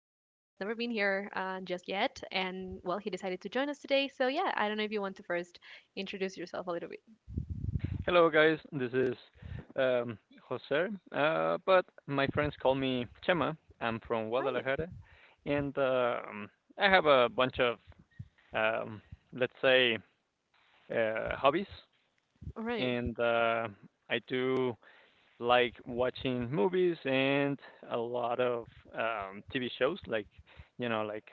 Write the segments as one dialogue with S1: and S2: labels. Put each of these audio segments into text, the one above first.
S1: been here just yet, and well, he decided to join us today. So yeah, I don't know if you want to first introduce yourself a little bit.
S2: Hello, guys. This is um, Jose, but my friends call me Chema. I'm from
S1: Right,
S2: Guadalajara, and I have a bunch of, um, let's say, hobbies,
S1: right.
S2: and I do like watching movies and a lot of TV shows, like like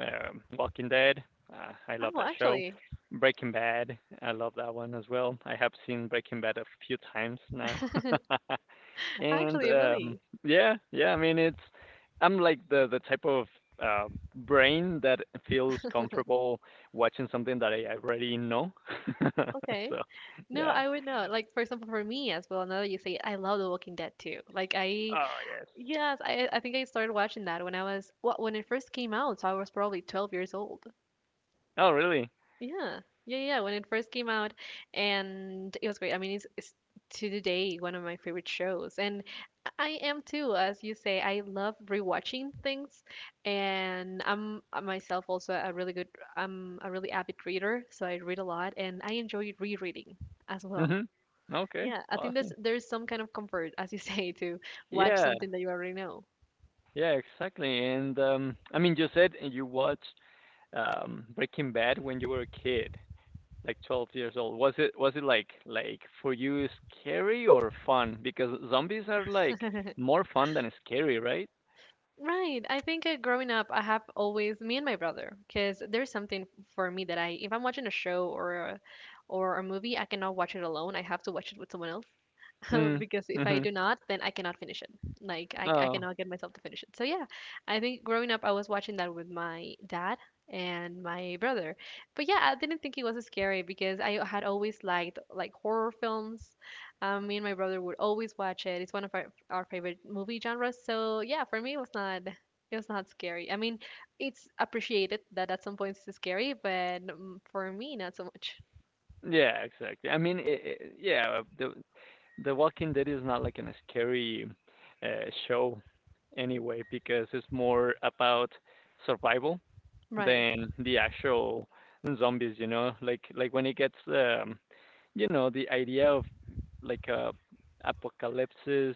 S2: Walking Dead. I love
S1: Oh,
S2: that show.
S1: actually,
S2: Breaking Bad. I love that one as well. I have seen Breaking Bad a few times now. and
S1: actually, really.
S2: Yeah, yeah, I mean it's I'm like the type of uh, brain that feels comfortable watching something that I already know.
S1: Okay.
S2: so,
S1: No,
S2: yeah.
S1: I would not. Like, for example, for me as well. Now that you say it, I love The Walking Dead too. Like, I
S2: Oh, yes.
S1: yes, I think I started watching that when I was well, when it first came out. So I was probably 12 years old.
S2: Oh, really?
S1: Yeah. Yeah, yeah, when it first came out and it was great. I mean, it's to today one of my favorite shows. And I am too, as you say, I love rewatching things and I'm myself also a really good I'm a really avid reader, so I read a lot and I enjoy rereading as well.
S2: Mhm. Okay.
S1: Yeah, I think there's
S2: Awesome.
S1: there's some kind of comfort, as you say, to watch
S2: Yeah.
S1: something that you already know.
S2: Yeah, exactly. And I mean, you said you watched Breaking Bad when you were a kid, like 12 years old? Was it like for you scary or fun? Because zombies are like more fun than scary, right?
S1: Right. I think growing up, I have always me and my brother, because there's something for me that I, if I'm watching a show or a movie, I cannot watch it alone. I have to watch it with someone else.
S2: Mm.
S1: Because if I
S2: Mhm.
S1: do not, then I cannot finish it. Like I
S2: Oh,
S1: cannot get myself to finish it. So yeah, I think growing up I was watching that with my dad and my brother. But yeah, I didn't think it was scary because I had always liked like horror films. Me and my brother would always watch it. It's one of our favorite movie genres. So yeah, for me it was not scary. I mean, it's appreciated that at some points it's scary, but for me not so much.
S2: yeah, exactly. I mean, I yeah, The Walking Dead is not like an scary show anyway because it's more about survival
S1: Right,
S2: than the actual zombies, you know? Like when it gets you know, the idea of like a apocalypsis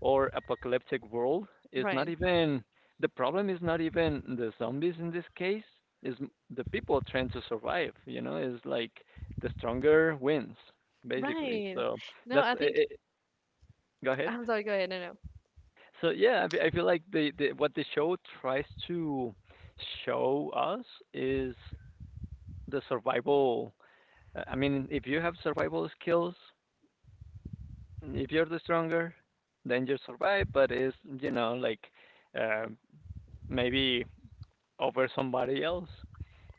S2: or apocalyptic world is not
S1: right,
S2: even the problem is not even the zombies in this case, is the people trying to survive, you know, is like the stronger wins basically.
S1: right.
S2: So
S1: No,
S2: that's
S1: I
S2: it,
S1: think
S2: it, go ahead.
S1: I'm sorry, go ahead. No, no.
S2: So yeah, I feel like the what the show tries to show us is the survival. I mean, if you have survival skills, if you're the stronger, then you survive. But it's you know like uh, maybe over somebody else.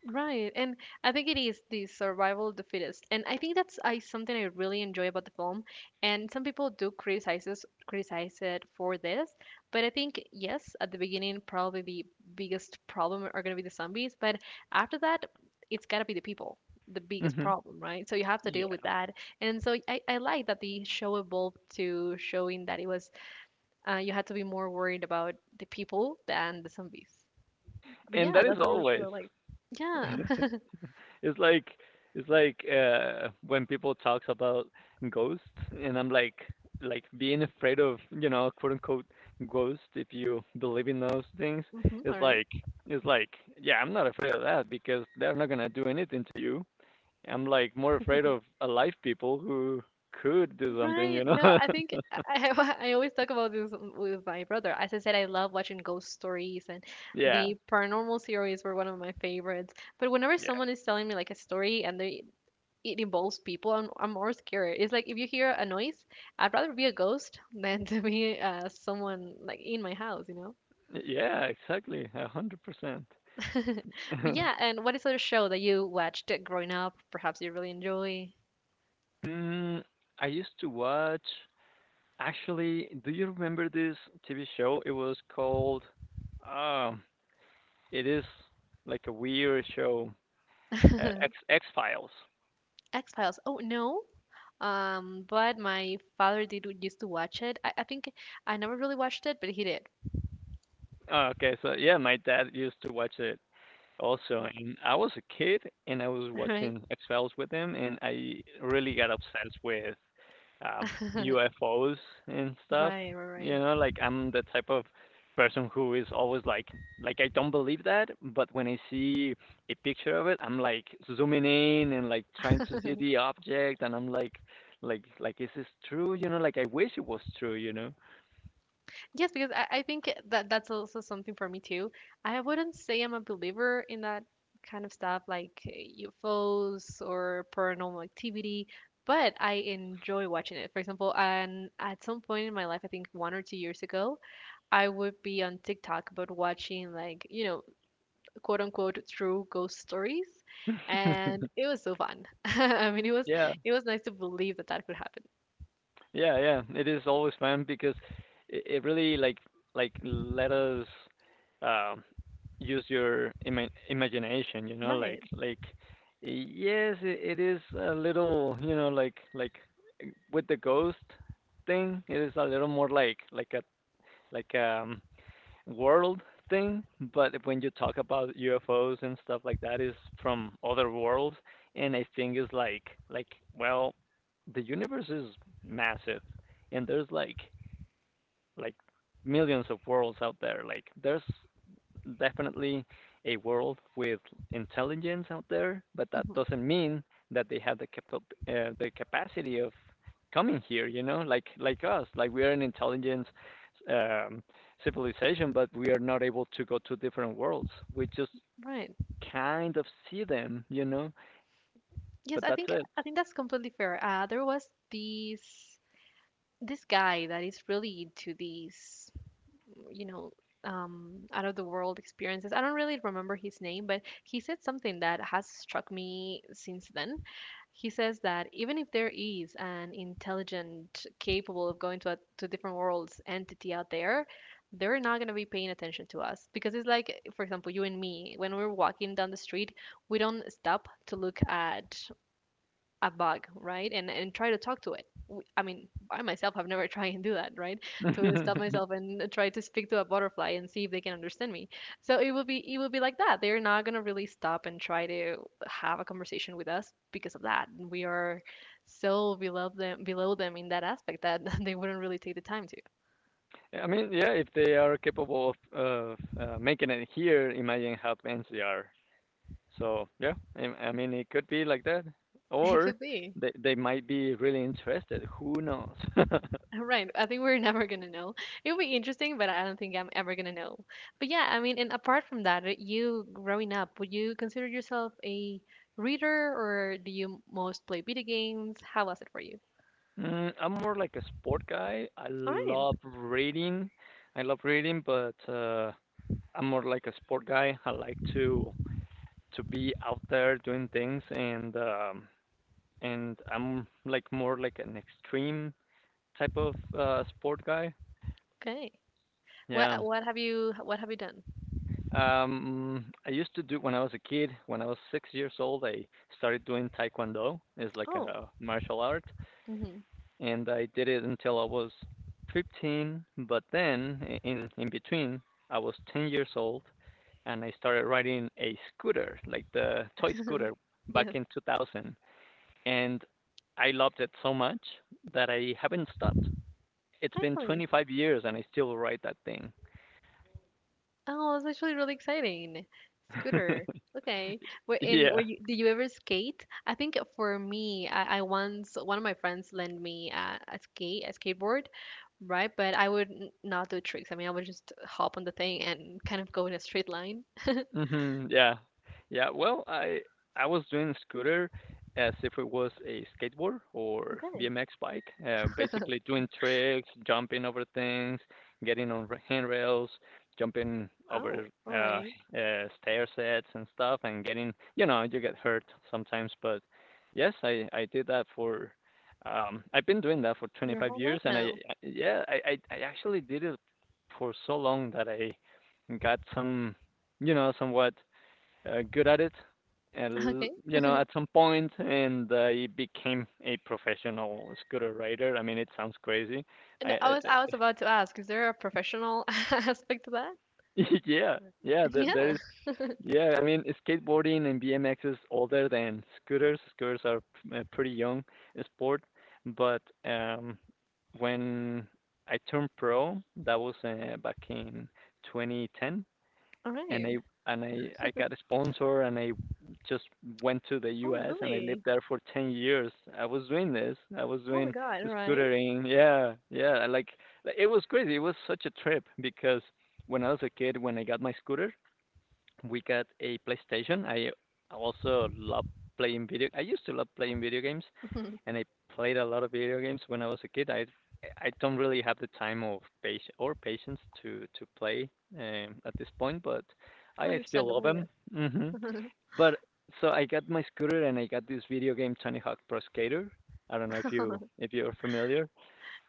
S1: Right. And I think it is the survival of the fittest. And I think that's I something I really enjoy about the film. And some people do criticize us, criticize it for this, but I think yes, at the beginning probably the biggest problem are going to be the zombies, but after that it's got to be the people, the biggest
S2: Hmm
S1: problem, right? So you have to deal
S2: Yeah,
S1: with that. And so I like that the show evolved to showing that it was you had to be more worried about the people than the zombies. But
S2: and
S1: yeah,
S2: that is
S1: that's a really show that
S2: always.
S1: I like. Yeah.
S2: It's like when people talks about ghosts and I'm like being afraid of, you know, quote unquote ghosts if you believe in those things.
S1: Hmm, all
S2: It's
S1: right.
S2: like it's like, yeah, I'm not afraid of that because they're not gonna do anything to you. I'm like more afraid of alive people who could do something,
S1: Right.
S2: you know?
S1: No, I think I I always talk about this with my brother. As I said, I love watching ghost stories, and
S2: Yeah.
S1: the paranormal series were one of my favorites. But whenever
S2: Yeah.
S1: someone is telling me like a story and they it involves people, I'm more scared. It's like if you hear a noise, I'd rather be a ghost than to be someone like in my house,
S2: Yeah, exactly. 100%.
S1: But yeah, and what is other show that you watched growing up? Perhaps you really enjoy.
S2: Mm, I used to watch. Actually, do you remember this TV show? It was called. Um, it is like a weird show, X X Files.
S1: X-Files. Oh no. But my father did used to watch it. I think I never really watched it, but he did.
S2: Oh, okay, so yeah, my dad used to watch it also, and I was a kid, and I was
S1: Right.
S2: watching X Files with him, and I really got obsessed with um, UFOs and stuff.
S1: Right, right, right.
S2: You know, like I'm the type of person who is always like I don't believe that, but when I see a picture of it, I'm like zooming in and like trying to see the object, and I'm like, like is this true? You know, like I wish it was true. You know.
S1: Yes, because I think that that's also something for me too. I wouldn't say I'm a believer in that kind of stuff like UFOs or paranormal activity, but I enjoy watching it. For example, and at some point in my life, I think 1 or 2 years ago, I would be on TikTok but watching like, you know, quote unquote true ghost stories, and it was so fun. I mean,
S2: yeah.
S1: it was nice to believe that that could happen.
S2: Yeah, yeah. It is always fun because it really like let us um use your imagination, you know,
S1: Right.
S2: like yes, it is a little, you know, like with the ghost thing, it is a little more like a like world thing, but when you talk about UFOs and stuff like that, is from other worlds, and I think it's like well, the universe is massive, and there's like millions of worlds out there. Like there's definitely a world with intelligence out there, but that
S1: Hmm.
S2: doesn't mean that they have the the capacity of coming here. You know, like us, like we are an intelligence um, civilization, but we are not able to go to different worlds. We just
S1: Right.
S2: kind of see them, you know,
S1: Yes,
S2: but that's it.
S1: I think that's completely fair. There was this guy that is really into these. You know, out of the world experiences. I don't really remember his name, but he said something that has struck me since then. He says that even if there is an intelligent capable of going to different worlds entity out there, they're not going to be paying attention to us because it's like for example you and me when we're walking down the street, we don't stop to look at a bug, right? And try to talk to it. I mean, I myself have never tried and do that, right? To stop myself and try to speak to a butterfly and see if they can understand me. So it will be like that. They're not gonna really stop and try to have a conversation with us because of that. We are so below them in that aspect that they wouldn't really take the time to.
S2: I mean, yeah, if they are capable of making it here, imagine how advanced they are. So yeah, I mean it could be like that,
S1: It
S2: or
S1: could be.
S2: they might be really interested. Who knows?
S1: Right. I think we're never gonna know. It would be interesting, but I don't think I'm ever gonna know. But yeah, I mean, and apart from that, right, you growing up, would you consider yourself a reader or do you most play video games? How was it for you?
S2: I'm more like a sport guy. I
S1: All right.
S2: love reading. I love reading, but I'm more like a sport guy. I like to be out there doing things, and I'm like more like an extreme type of sport guy.
S1: Okay. What
S2: Yeah.
S1: what have you what have you done?
S2: I used to do when I was a kid. When I was six years old, I started doing Taekwondo. It's like
S1: Oh,
S2: a martial art,
S1: mm-hmm.
S2: and I did it until I was 15. But then, in between, I was 10 years old, and I started riding a scooter, like the toy scooter, back
S1: Yes.
S2: in 2000. And I loved it so much that I haven't stopped. It's been
S1: Actually,
S2: 25 years, and I still ride that thing.
S1: oh, it's actually really exciting. Scooter. Okay. Were in were
S2: yeah.
S1: you Did you ever skate? I think for me, I once one of my friends lent me a skateboard, right? But I would not do tricks. I mean, I would just hop on the thing and kind of go in a straight line.
S2: Mhm. Yeah. Yeah. Well, I was doing scooter as if it was a skateboard or
S1: Okay.
S2: BMX bike. Basically doing tricks, jumping over things, getting on handrails, jumping over
S1: Oh, all
S2: uh,
S1: right.
S2: stair sets and stuff, and getting you know you get hurt sometimes. But yes, I did that for. I've been doing that for
S1: Your
S2: 25
S1: whole
S2: years,
S1: life
S2: and
S1: now.
S2: yeah I actually did it for so long that I got some you know, somewhat good at it. And,
S1: Okay.
S2: you know, at some point, and he became a professional scooter rider. I mean, it sounds crazy.
S1: And
S2: I,
S1: I
S2: uh,
S1: was I was about to ask, is there a professional aspect to that?
S2: yeah, there
S1: Yeah.
S2: is, yeah. I mean, skateboarding and BMX is older than scooters. Scooters are a pretty young sport, but when I turned pro, that was back in 2010.
S1: All
S2: and I
S1: right.
S2: and I got a sponsor and I just went to the
S1: Oh,
S2: US and I lived
S1: really?
S2: there for 10 years. I was doing this. I was
S1: Oh my
S2: doing
S1: God. All right.
S2: scootering. Yeah. Yeah, like, it was crazy. It was such a trip because when I was a kid when I got my scooter, we got a PlayStation. Also loved I used to love playing video games and I played a lot of video games when I was a kid. I don't really have the time of patience or patience to play at this point, but I still love
S1: Understandable.
S2: them. Hmm But so I got my scooter and I got this video game Tony Hawk Pro Skater. I don't know if you if you're familiar.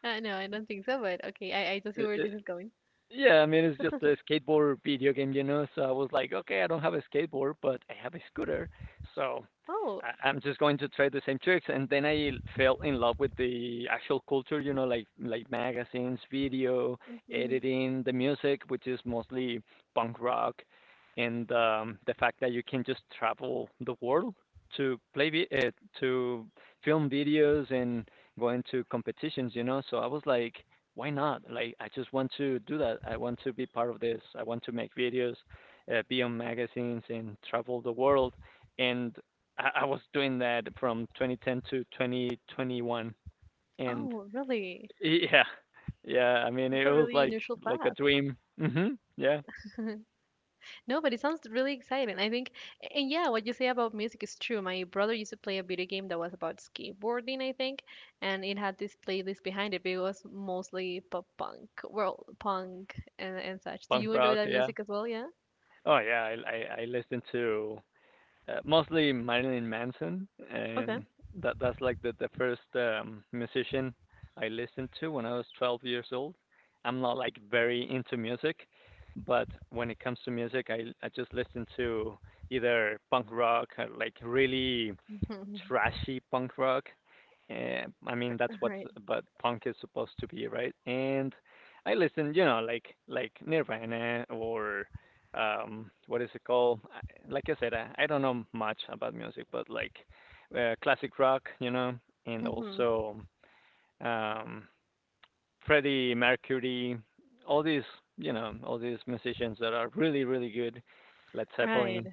S1: No, I don't think so, but okay, I don't see
S2: I-
S1: where
S2: I-
S1: this is going.
S2: Yeah, I mean it's just a skateboard video game, you know. So I was like, okay, I don't have a skateboard, but I have a scooter, so
S1: Oh,
S2: I'm just going to try the same tricks. And then I fell in love with the actual culture, you know, like magazines, video,
S1: hmm.
S2: editing, the music, which is mostly punk rock, and the fact that you can just travel the world to to film videos and go into competitions, you know. So I was like why not? Like, I just want to do that. I want to be part of this. I want to make videos, be on magazines, and travel the world. And I was doing that from 2010 to 2021. And
S1: Oh, really?
S2: yeah, yeah. I mean, it
S1: That's a
S2: was
S1: really unusual
S2: like a
S1: path.
S2: dream. Hmm Yeah,
S1: No, but it sounds really exciting. I think, and yeah, what you say about music is true. My brother used to play a video game that was about skateboarding, I think, and it had this playlist behind it, but it was mostly pop punk, world punk, and such. Do
S2: punk
S1: you enjoy
S2: rock.
S1: that
S2: Yeah.
S1: music as well? Yeah?
S2: Oh yeah. I listened to mostly Marilyn Manson,
S1: Okay.
S2: and that's like the first musician I listened to when I was 12 years old. I'm not like very into music, but when it comes to music, I just listen to either punk rock, or like really
S1: All
S2: trashy punk rock. Eh, I mean, that's what
S1: right.
S2: but punk is supposed to be, right? And I listen, you know, like Nirvana or what is it called? Like I said, I don't know much about music, but like classic rock, you know, and
S1: Mm-hmm.
S2: also um, Freddie Mercury, all these, you know, all these musicians that are really really good. Led Zeppelin.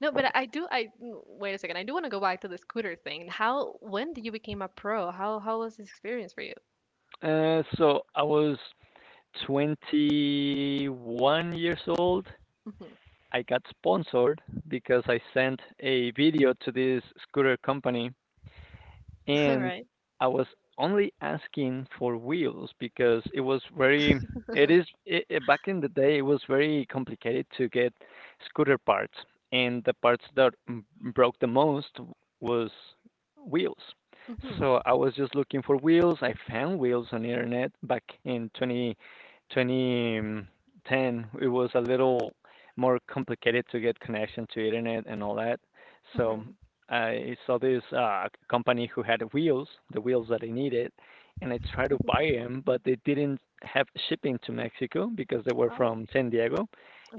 S1: No, but I do. Wait a second. I do want to go back to the scooter thing. How? When did you became a pro? How? How was this experience for you?
S2: So I was 21 years old,
S1: Mm-hmm.
S2: I got sponsored because I sent a video to this scooter company
S1: All,
S2: and
S1: hmm.
S2: I was only asking for wheels because it was very it is it, it, back in the day it was very complicated to get scooter parts and the parts that broke the most was wheels. So I was just looking for wheels. I found wheels on the internet back in 2010. It was a little more complicated to get connection to internet and all that. So
S1: Mm-hmm.
S2: I saw this company who had wheels, the wheels that I needed, and I tried to buy them, but they didn't have shipping to Mexico because they were
S1: Oh.
S2: from San Diego,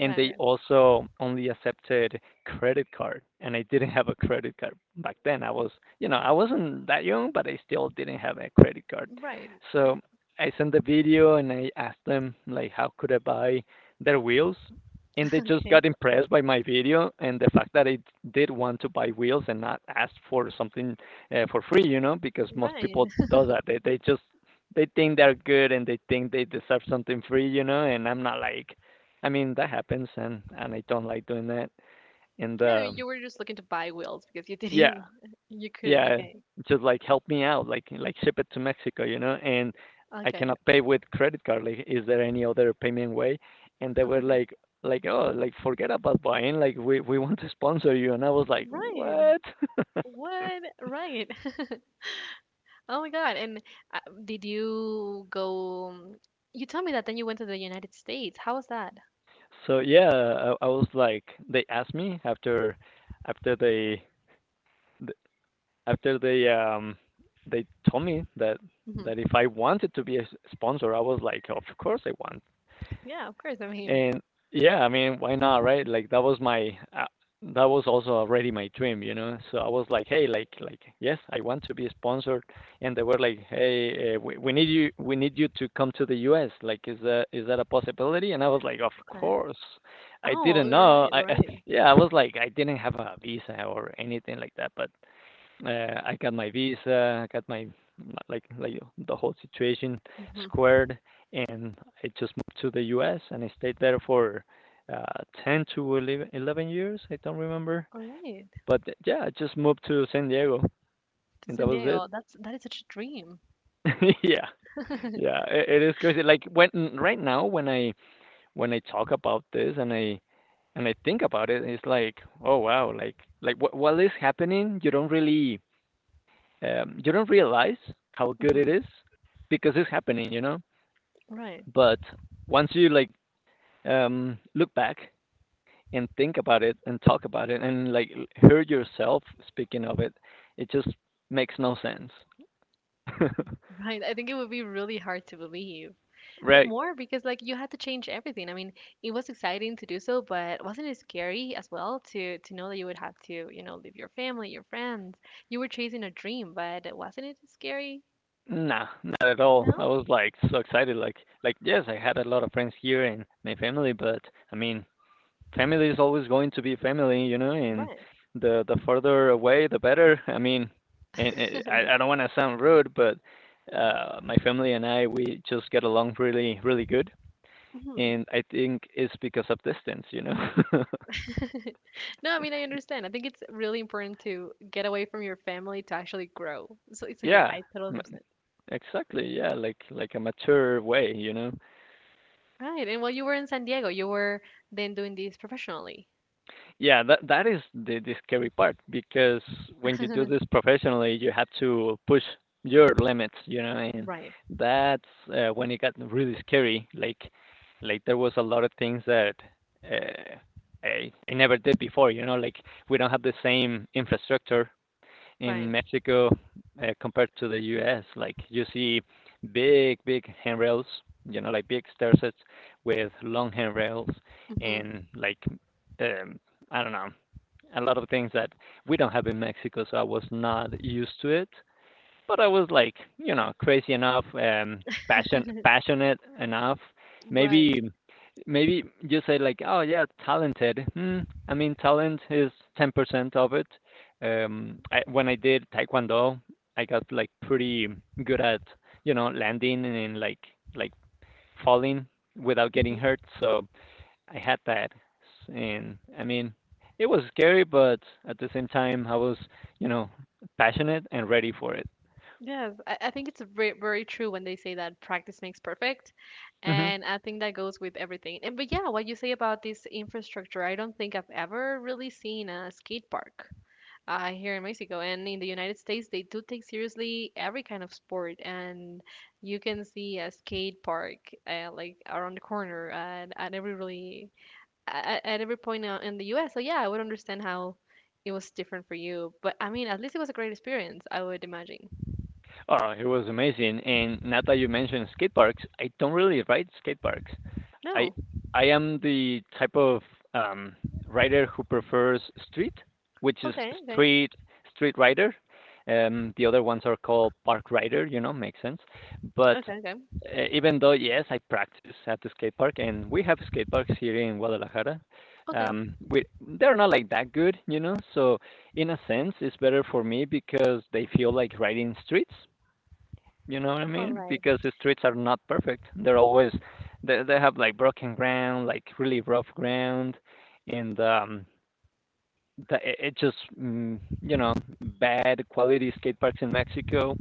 S2: and they
S1: Okay.
S2: also only accepted credit card, and I didn't have a credit card back then. I was, you know, I wasn't that young, but I still didn't have a credit card.
S1: Right.
S2: So I sent the video and I asked them like, how could I buy their wheels? And they just
S1: Okay.
S2: got impressed by my video and the fact that I did want to buy wheels and not ask for something for free, you know, because most
S1: Right.
S2: people do that. They just they think they're good and they think they deserve something free, you know, and I'm not like I don't like doing that. And
S1: Yeah. I mean,
S2: um
S1: you were just looking to buy wheels because you
S2: yeah,
S1: didn't. You couldn't.
S2: yeah,
S1: Okay.
S2: just like help me out, like ship it to Mexico, you know, and I
S1: Okay. Okay.
S2: cannot pay with credit card. Like, is there any other payment way? And they were like, oh, like forget about buying. Like, we want to sponsor you. And I was like,
S1: Right.
S2: what?
S1: What? Right. Oh my God. And uh, did you go? You told me that then you went to the United States. How was that?
S2: So yeah, I was like, they asked me after after they th- after they told me that
S1: Hmm.
S2: that if I wanted to be a sponsor, I was like, of course I want.
S1: Yeah. Of course. I mean.
S2: And yeah, I mean, why not, right? Like that was my that was also already my dream, you know. So I was like, hey, like yes, I want to be sponsored, and they were like, hey, we need you to come to the U.S. Like, is that a possibility? And I was like, of
S1: Okay.
S2: course. I
S1: Oh.
S2: didn't
S1: All
S2: know.
S1: right.
S2: I
S1: All right.
S2: yeah, I was like, I didn't have a visa or anything like that, but I got my visa, I got my like like the whole situation
S1: Mhm.
S2: squared, and I just moved to the U.S. and I stayed there for uh, 10 to 11, years. I don't remember,
S1: All right,
S2: but yeah, I just moved to San Diego,
S1: to
S2: and that
S1: San
S2: was it.
S1: Diego. That's that is such a dream.
S2: yeah, yeah, it is crazy. Like when right now when I talk about this and I think about it, it's like oh wow, like what is happening? You don't really you don't realize how good
S1: Hmm.
S2: it is because it's happening, you know.
S1: Right,
S2: But once you like look back and think about it and talk about it and like hear yourself speaking of it, it just makes no sense.
S1: right. I think it would be really hard to believe.
S2: Right?
S1: More because like you had to change everything. I mean, it was exciting to do so, but wasn't it scary as well to know that you would have to, you know, leave your family, your friends. You were chasing a dream, but wasn't it scary?
S2: Nah, not at all. I
S1: No?
S2: was like so excited, like yes, I had a lot of friends here and my family, but I mean, family is always going to be family, you know, and
S1: Right.
S2: the further away, the better. I mean, and I don't want to sound rude, but my family and I we just get along really really good,
S1: Hmm.
S2: and I think it's because of distance, you know.
S1: No, I mean, I understand. I think it's really important to get away from your family to actually grow. So, so yeah,
S2: Yeah,
S1: I totally
S2: m-
S1: understand.
S2: exactly. Yeah, like a mature way, you know.
S1: Right. And while you were in San Diego, you were then doing this professionally.
S2: Yeah, that is the scary part because when you do this professionally, you have to push your limits, you know, and
S1: Right.
S2: that's when it got really scary. Like there was a lot of things that uh, I never did before, you know, like we don't have the same infrastructure in
S1: Right.
S2: Mexico compared to the U.S. Like you see big, big handrails, you know, like big stair sets with long handrails
S1: Hmm.
S2: and like um, I don't know, a lot of things that we don't have in Mexico. So I was not used to it, but I was like, you know, crazy enough, passionate enough. Maybe,
S1: Right.
S2: maybe you say like, oh yeah, talented. Hmm. I mean, talent is 10% of it. When I did taekwondo, I got like pretty good at you know landing and like falling without getting
S1: Hmm.
S2: hurt. So I had that, and I mean, it was scary, but at the same time, I was you know passionate and ready for it.
S1: Yes, I think it's very, very true when they say that practice makes perfect.
S2: Hmm.
S1: And I think that goes with everything. And but yeah, what you say about this infrastructure, I don't think I've ever really seen a skate park here in Mexico. And in the United States, they do take seriously every kind of sport. And you can see a skate park like around the corner at every point in the US. So yeah, I would understand how it was different for you. But I mean, at least it was a great experience, I would imagine.
S2: Oh, it was amazing. And now that you mentioned skate parks, I don't really ride skate parks. I
S1: No.
S2: I am the type of um, rider who prefers street, which is
S1: Okay, okay.
S2: street street rider. The other ones are called park rider. You know, makes sense. But
S1: Okay, okay.
S2: even though yes, I practice at the skate park, and we have skate parks here in Guadalajara.
S1: Okay.
S2: We they're not like that good, you know. So in a sense, it's better for me because they feel like riding streets, you know what I
S1: All
S2: mean?
S1: right.
S2: Because the streets are not perfect. They're always they have like broken ground, like really rough ground, and it just you know, bad quality skate parks in Mexico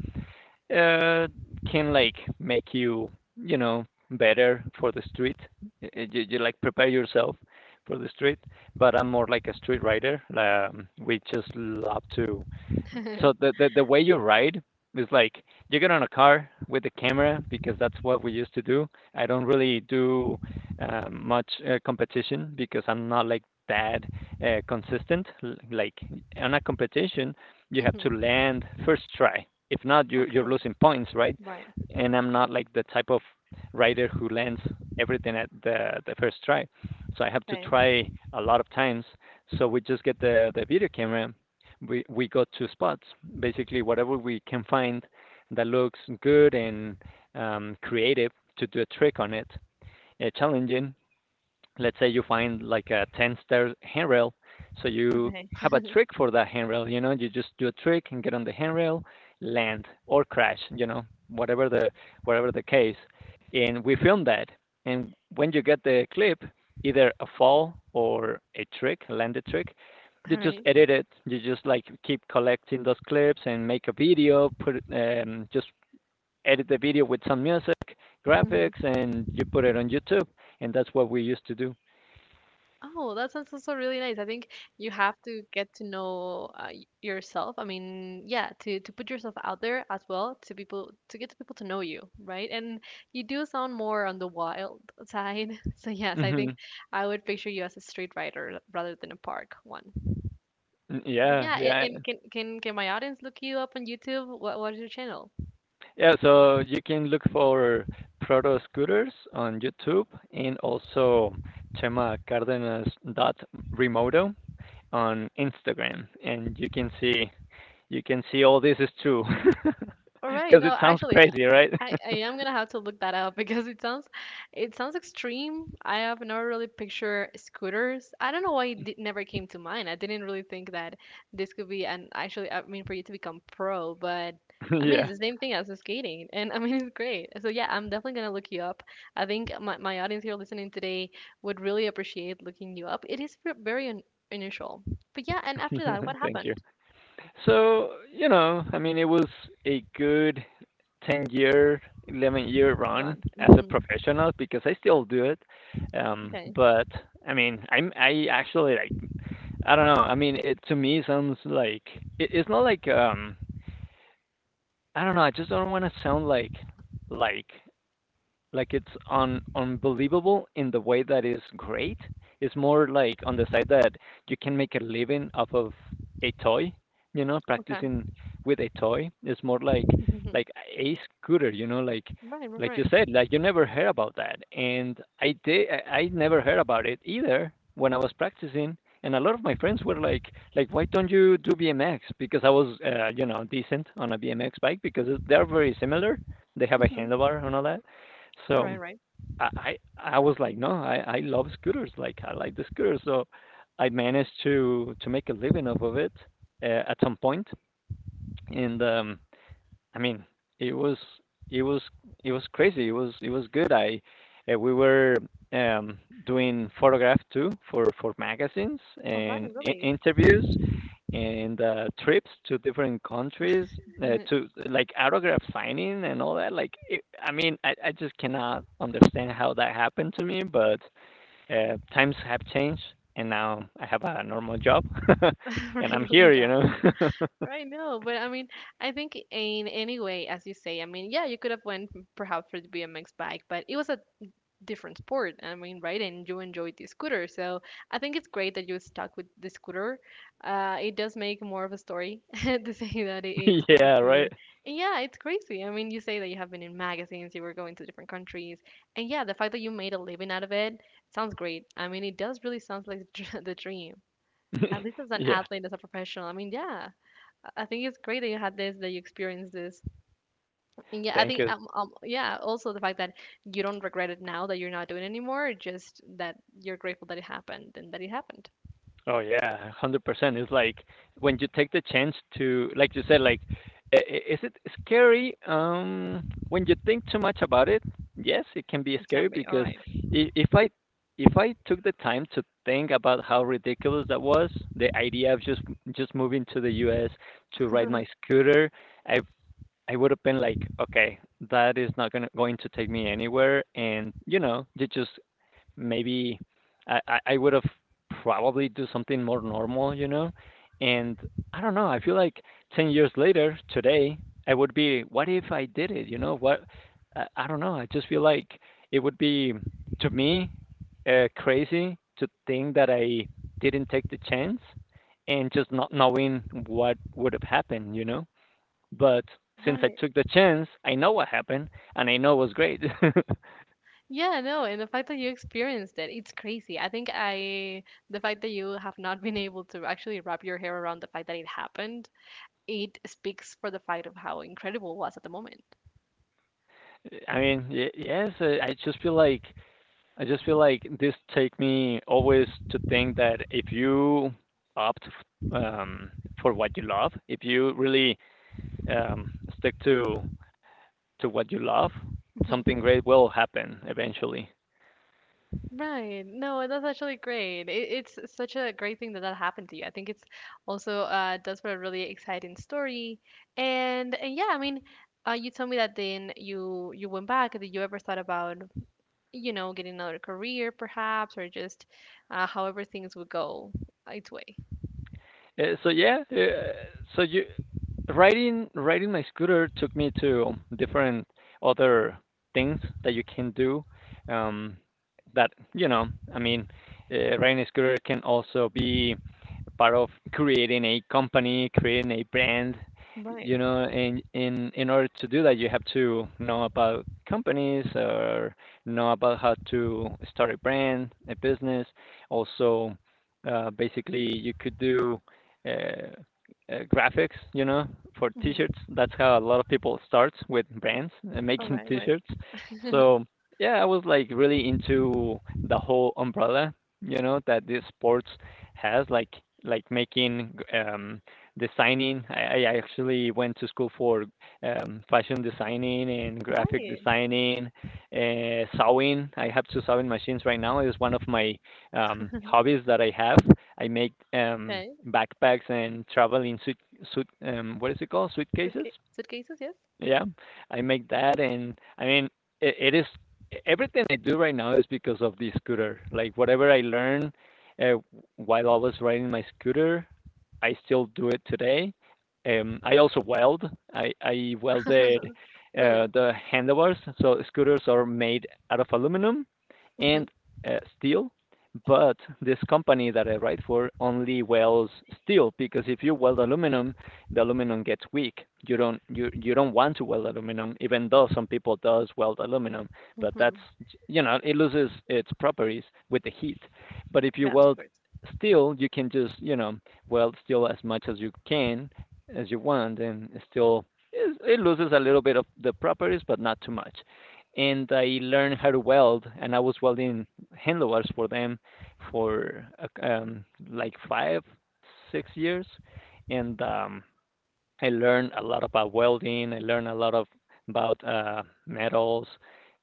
S2: uh can like make you you know better for the street. You, you like prepare yourself for the street. But I'm more like a street rider. We just love to the way you ride is like you get on a car with a camera because that's what we used to do. I don't really do much competition because I'm not like that consistent. Like on a competition, you have to
S1: Mhm.
S2: land first try. If not, you're
S1: Okay.
S2: losing points, right?
S1: Right.
S2: And I'm not like the type of rider who lands everything at the first try. So I have to
S1: Okay.
S2: try a lot of times. So we just get the video camera, we got two spots. Basically, whatever we can find that looks good and creative to do a trick on it, challenging, let's say you find like a 10 stair handrail. So you
S1: Okay.
S2: have a trick for that handrail, you know, you just do a trick and get on the handrail, land or crash, you know, whatever the whatever the case. And we filmed that. And when you get the clip, either a fall or a trick, a landed trick, you
S1: All
S2: just
S1: right.
S2: edit it. You just like keep collecting those clips and make a video, put just edit the video with some music,
S1: Mhm.
S2: graphics, and you put it on YouTube. And that's what we used to do.
S1: Oh, that sounds also really nice. I think you have to get to know yourself. I mean, yeah, to put yourself out there as well to people to get to people to know you, right? And you do sound more on the wild side. So yes, I think
S2: Mhm.
S1: I would picture you as a street writer rather than a park one.
S2: Mm,
S1: But
S2: yeah,
S1: yeah, a-
S2: yeah.
S1: and can my audience look you up on YouTube? What is your channel?
S2: Yeah, so you can look for proto scooters on YouTube and also Chema Cardenas dot Remoto on Instagram, and you can see all this is true
S1: All right,
S2: because
S1: no,
S2: it sounds
S1: actually,
S2: crazy, right?
S1: I am gonna have to look that up because it sounds extreme. I have never really pictured scooters. I don't know why it did, never came to mind. I didn't really think that this could be an actually I mean for you to become pro, but I mean it's
S2: Yeah.
S1: the same thing as skating, and I mean it's great. So yeah, I'm definitely gonna look you up. I think my audience here listening today would really appreciate looking you up. It is very un unusual, but yeah. And after that, what
S2: Thank you.
S1: happened?
S2: So, you know, I mean, it was a good 10 year, 11-year run
S1: Run.
S2: as a
S1: Hmm.
S2: professional because I still do it.
S1: Okay.
S2: But I mean, I'm I actually like I don't know. I mean, it to me sounds like it's not like I don't know. I just don't want to sound like like like it's un unbelievable in the way that is great. It's more like on the side that you can make a living off of a toy, you know,
S1: Okay.
S2: practicing with a toy. It's more like a scooter, you know,
S1: Right. Right.
S2: like you
S1: Right.
S2: said, like you never heard about that. And I never heard about it either when I was practicing. And a lot of my friends were like, why don't you do BMX? Because I was, you know, decent on a BMX bike because they're very similar. They have a
S1: Mhm.
S2: handlebar and all that.
S1: All right.
S2: So
S1: Right.
S2: I was like, no, I love scooters. Like I like the scooters. So I managed to make a living off of it, at some point, and I mean, it was it was it was crazy. It was good. I We were um, doing photograph too for magazines
S1: All right,
S2: and
S1: really.
S2: interviews and trips to different countries to like autograph signing and all that. Like, I mean, I just cannot understand how that happened to me, but times have changed. And now I have a normal job. And I'm
S1: Regular
S2: here, you
S1: job.
S2: know.
S1: Right, no, but I mean, I think in any way, as you say, I mean, yeah, you could have went perhaps for the BMX bike, but it was a different sport. I mean, right, and you enjoyed the scooter, so I think it's great that you stuck with the scooter. It does make more of a story to say that it's from the
S2: Yeah, right.
S1: scooter, and yeah, it's crazy. I mean, you say that you have been in magazines, you were going to different countries, and yeah, the fact that you made a living out of it sounds great. I mean, it does really sounds like the dream. At least as an
S2: Yeah.
S1: athlete, as a professional. I mean, yeah, I think it's great that you had this, that you experienced this. And yeah, I
S2: Thank
S1: think,
S2: you.
S1: yeah, also the fact that you don't regret it now that you're not doing it anymore, just that you're grateful that it happened and that it happened.
S2: Oh yeah, 100%. It's like when you take the chance to, like you said, like is it scary? When you think too much about it, yes, it can be
S1: It
S2: scary
S1: can be, all
S2: because
S1: right.
S2: I- if I if I took the time to think about how ridiculous that was, the idea of just moving to the U.S. to ride my scooter, I I would have been like, okay, that is not gonna going to take me anywhere, and you know, you just maybe would have probably do something more normal, you know? And I don't know, I feel like 10 years later, today, I would be, what if I did it? You know, what? I don't know. I just feel like it would be, to me, crazy to think that I didn't take the chance and just not knowing what would have happened, you know? But since I
S1: Right.
S2: took the chance, I know what happened and I know it was great.
S1: Yeah, no, and the fact that you experienced it, it's crazy. The fact that you have not been able to actually wrap your hair around the fact that it happened, it speaks for the fact of how incredible it was at the moment.
S2: I mean, yes, I just feel like this take me always to think that if you opt f- um, for what you love, if you really um, stick to what you love, something great will happen eventually.
S1: Right. No, that's actually great. It's such a great thing that that happened to you. I think it's also does for a really exciting story. And yeah, I mean, you told me that then you went back. Did you ever thought about, you know, getting another career perhaps, or just however things would go its way?
S2: So yeah, so you riding my scooter took me to different other things that you can do. Um that you know i mean riding a scooter can also be part of creating a company, creating a brand,
S1: Right.
S2: and in order to do that, you have to know about companies or know about how to start a brand, a business. Also, basically you could do uh, graphics, for t-shirts.
S1: Mm-hmm.
S2: That's how a lot of people start with brands and
S1: All
S2: making
S1: right. Right.
S2: t-shirts. So yeah, I was like really into the whole umbrella, that this sports has, like making designing. I actually went to school for fashion designing and
S1: All
S2: graphic
S1: right.
S2: designing, sewing. I have two sewing machines right now. It's one of my hobbies that I have. I make
S1: Okay.
S2: backpacks and traveling suit suit what is it called, suitcases.
S1: Suitcases. Yes.
S2: Yeah, I make that. And I mean, it is everything I do right now is because of the scooter. Like whatever I learned uh, while I was riding my scooter, I still do it today. I also weld. I welded
S1: Really.
S2: the handlebars. So scooters are made out of aluminum
S1: Mm-hmm.
S2: and steel, but this company that I ride for only welds steel, because if you weld aluminum, the aluminum gets weak. You don't want to weld aluminum, even though some people does weld aluminum, but
S1: Mm-hmm.
S2: that's, it loses its properties with the heat. But if you weld
S1: Passports.
S2: steel, you can just weld steel as much as you can, as you want, and still it loses a little bit of the properties, but not too much. And I learned how to weld, and I was welding handlebars for them for like 5, 6 years. And I learned a lot about welding. I learned a lot of about metals,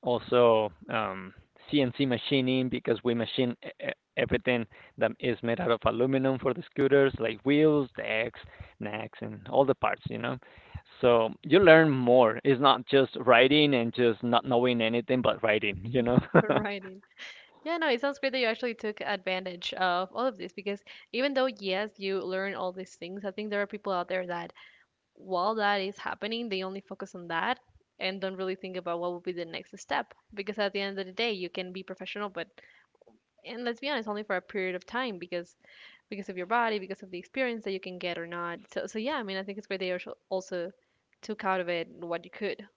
S2: also CNC machining, because we machine everything that is made out of aluminum for the scooters, like wheels, decks, necks, and all the parts. So you learn more. It's not just riding and just not knowing anything but riding.
S1: For writing. Yeah, no, it sounds great that you actually took advantage of all of this because even though, yes, you learn all these things, I think there are people out there that while that is happening, they only focus on that and don't really think about what will be the next step. Because at the end of the day, you can be professional, but and let's be honest, only for a period of time because of your body, because of the experience that you can get or not. So yeah, I mean, I think it's great that you also took out of it what you could.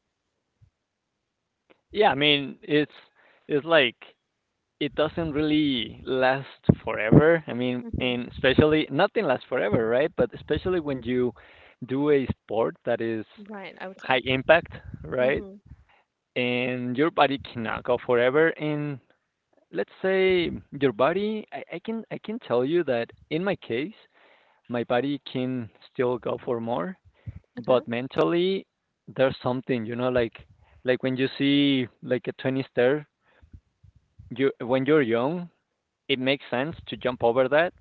S2: Yeah. I mean, it's like it doesn't really last forever. I mean,
S1: Hmm.
S2: and especially nothing lasts forever, right? But especially when you do a sport that is
S1: Right, I would say.
S2: high impact, right?
S1: Hmm.
S2: And your body cannot go forever. And let's say your body, I can tell you that in my case, my body can still go for more, but mentally, there's something, like when you see like a 20 stair, you when you're young, it makes sense to jump over that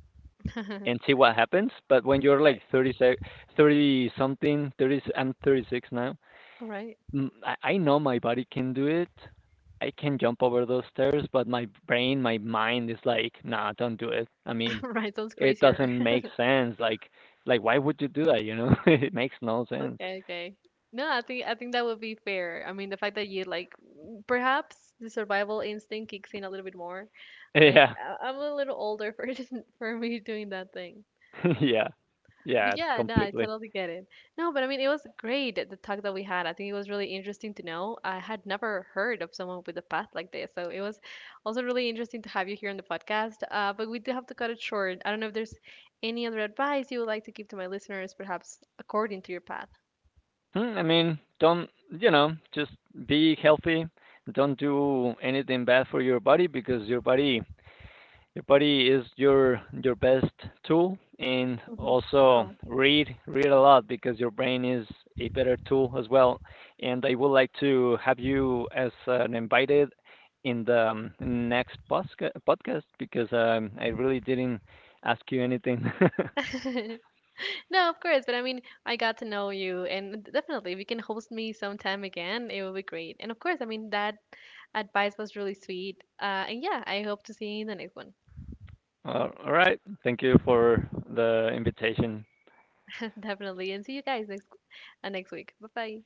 S1: Okay.
S2: and see what happens. But when you're like
S1: Right.
S2: 30, 30 something, 30, I'm 36 now.
S1: All right.
S2: I know my body can do it. I can jump over those stairs, but my brain, my mind is like, nah, don't do it. I mean,
S1: Right. Sounds
S2: it
S1: crazier.
S2: doesn't make sense. Like, why would you do that? It makes no sense.
S1: Okay, okay. No, I think that would be fair. I mean, the fact that you like perhaps the survival instinct kicks in a little bit more. Like
S2: Yeah,
S1: I'm a little older for for me doing that thing.
S2: yeah,
S1: But
S2: yeah,
S1: yeah, no, I
S2: completely.
S1: totally get it. No, but I mean, it was great the talk that we had. I think it was really interesting to know. I had never heard of someone with a path like this, so it was also really interesting to have you here on the podcast. But we do have to cut it short. I don't know if there's any other advice you would like to give to my listeners, perhaps according to your path.
S2: Hmm, I mean, don't, you know? Just be healthy. Don't do anything bad for your body, because Your body is your best tool, and
S1: Hmm.
S2: also
S1: No.
S2: read a lot because your brain is a better tool as well. And I would like to have you as an invited in the next podcast, because I really didn't ask you anything.
S1: No, of course, but I mean, I got to know you, and definitely, if you can host me sometime again, it will be great. And of course, I mean, that advice was really sweet. And yeah, I hope to see you in the next one.
S2: All right, thank you for the invitation.
S1: Definitely. And see you guys next next week. Bye bye.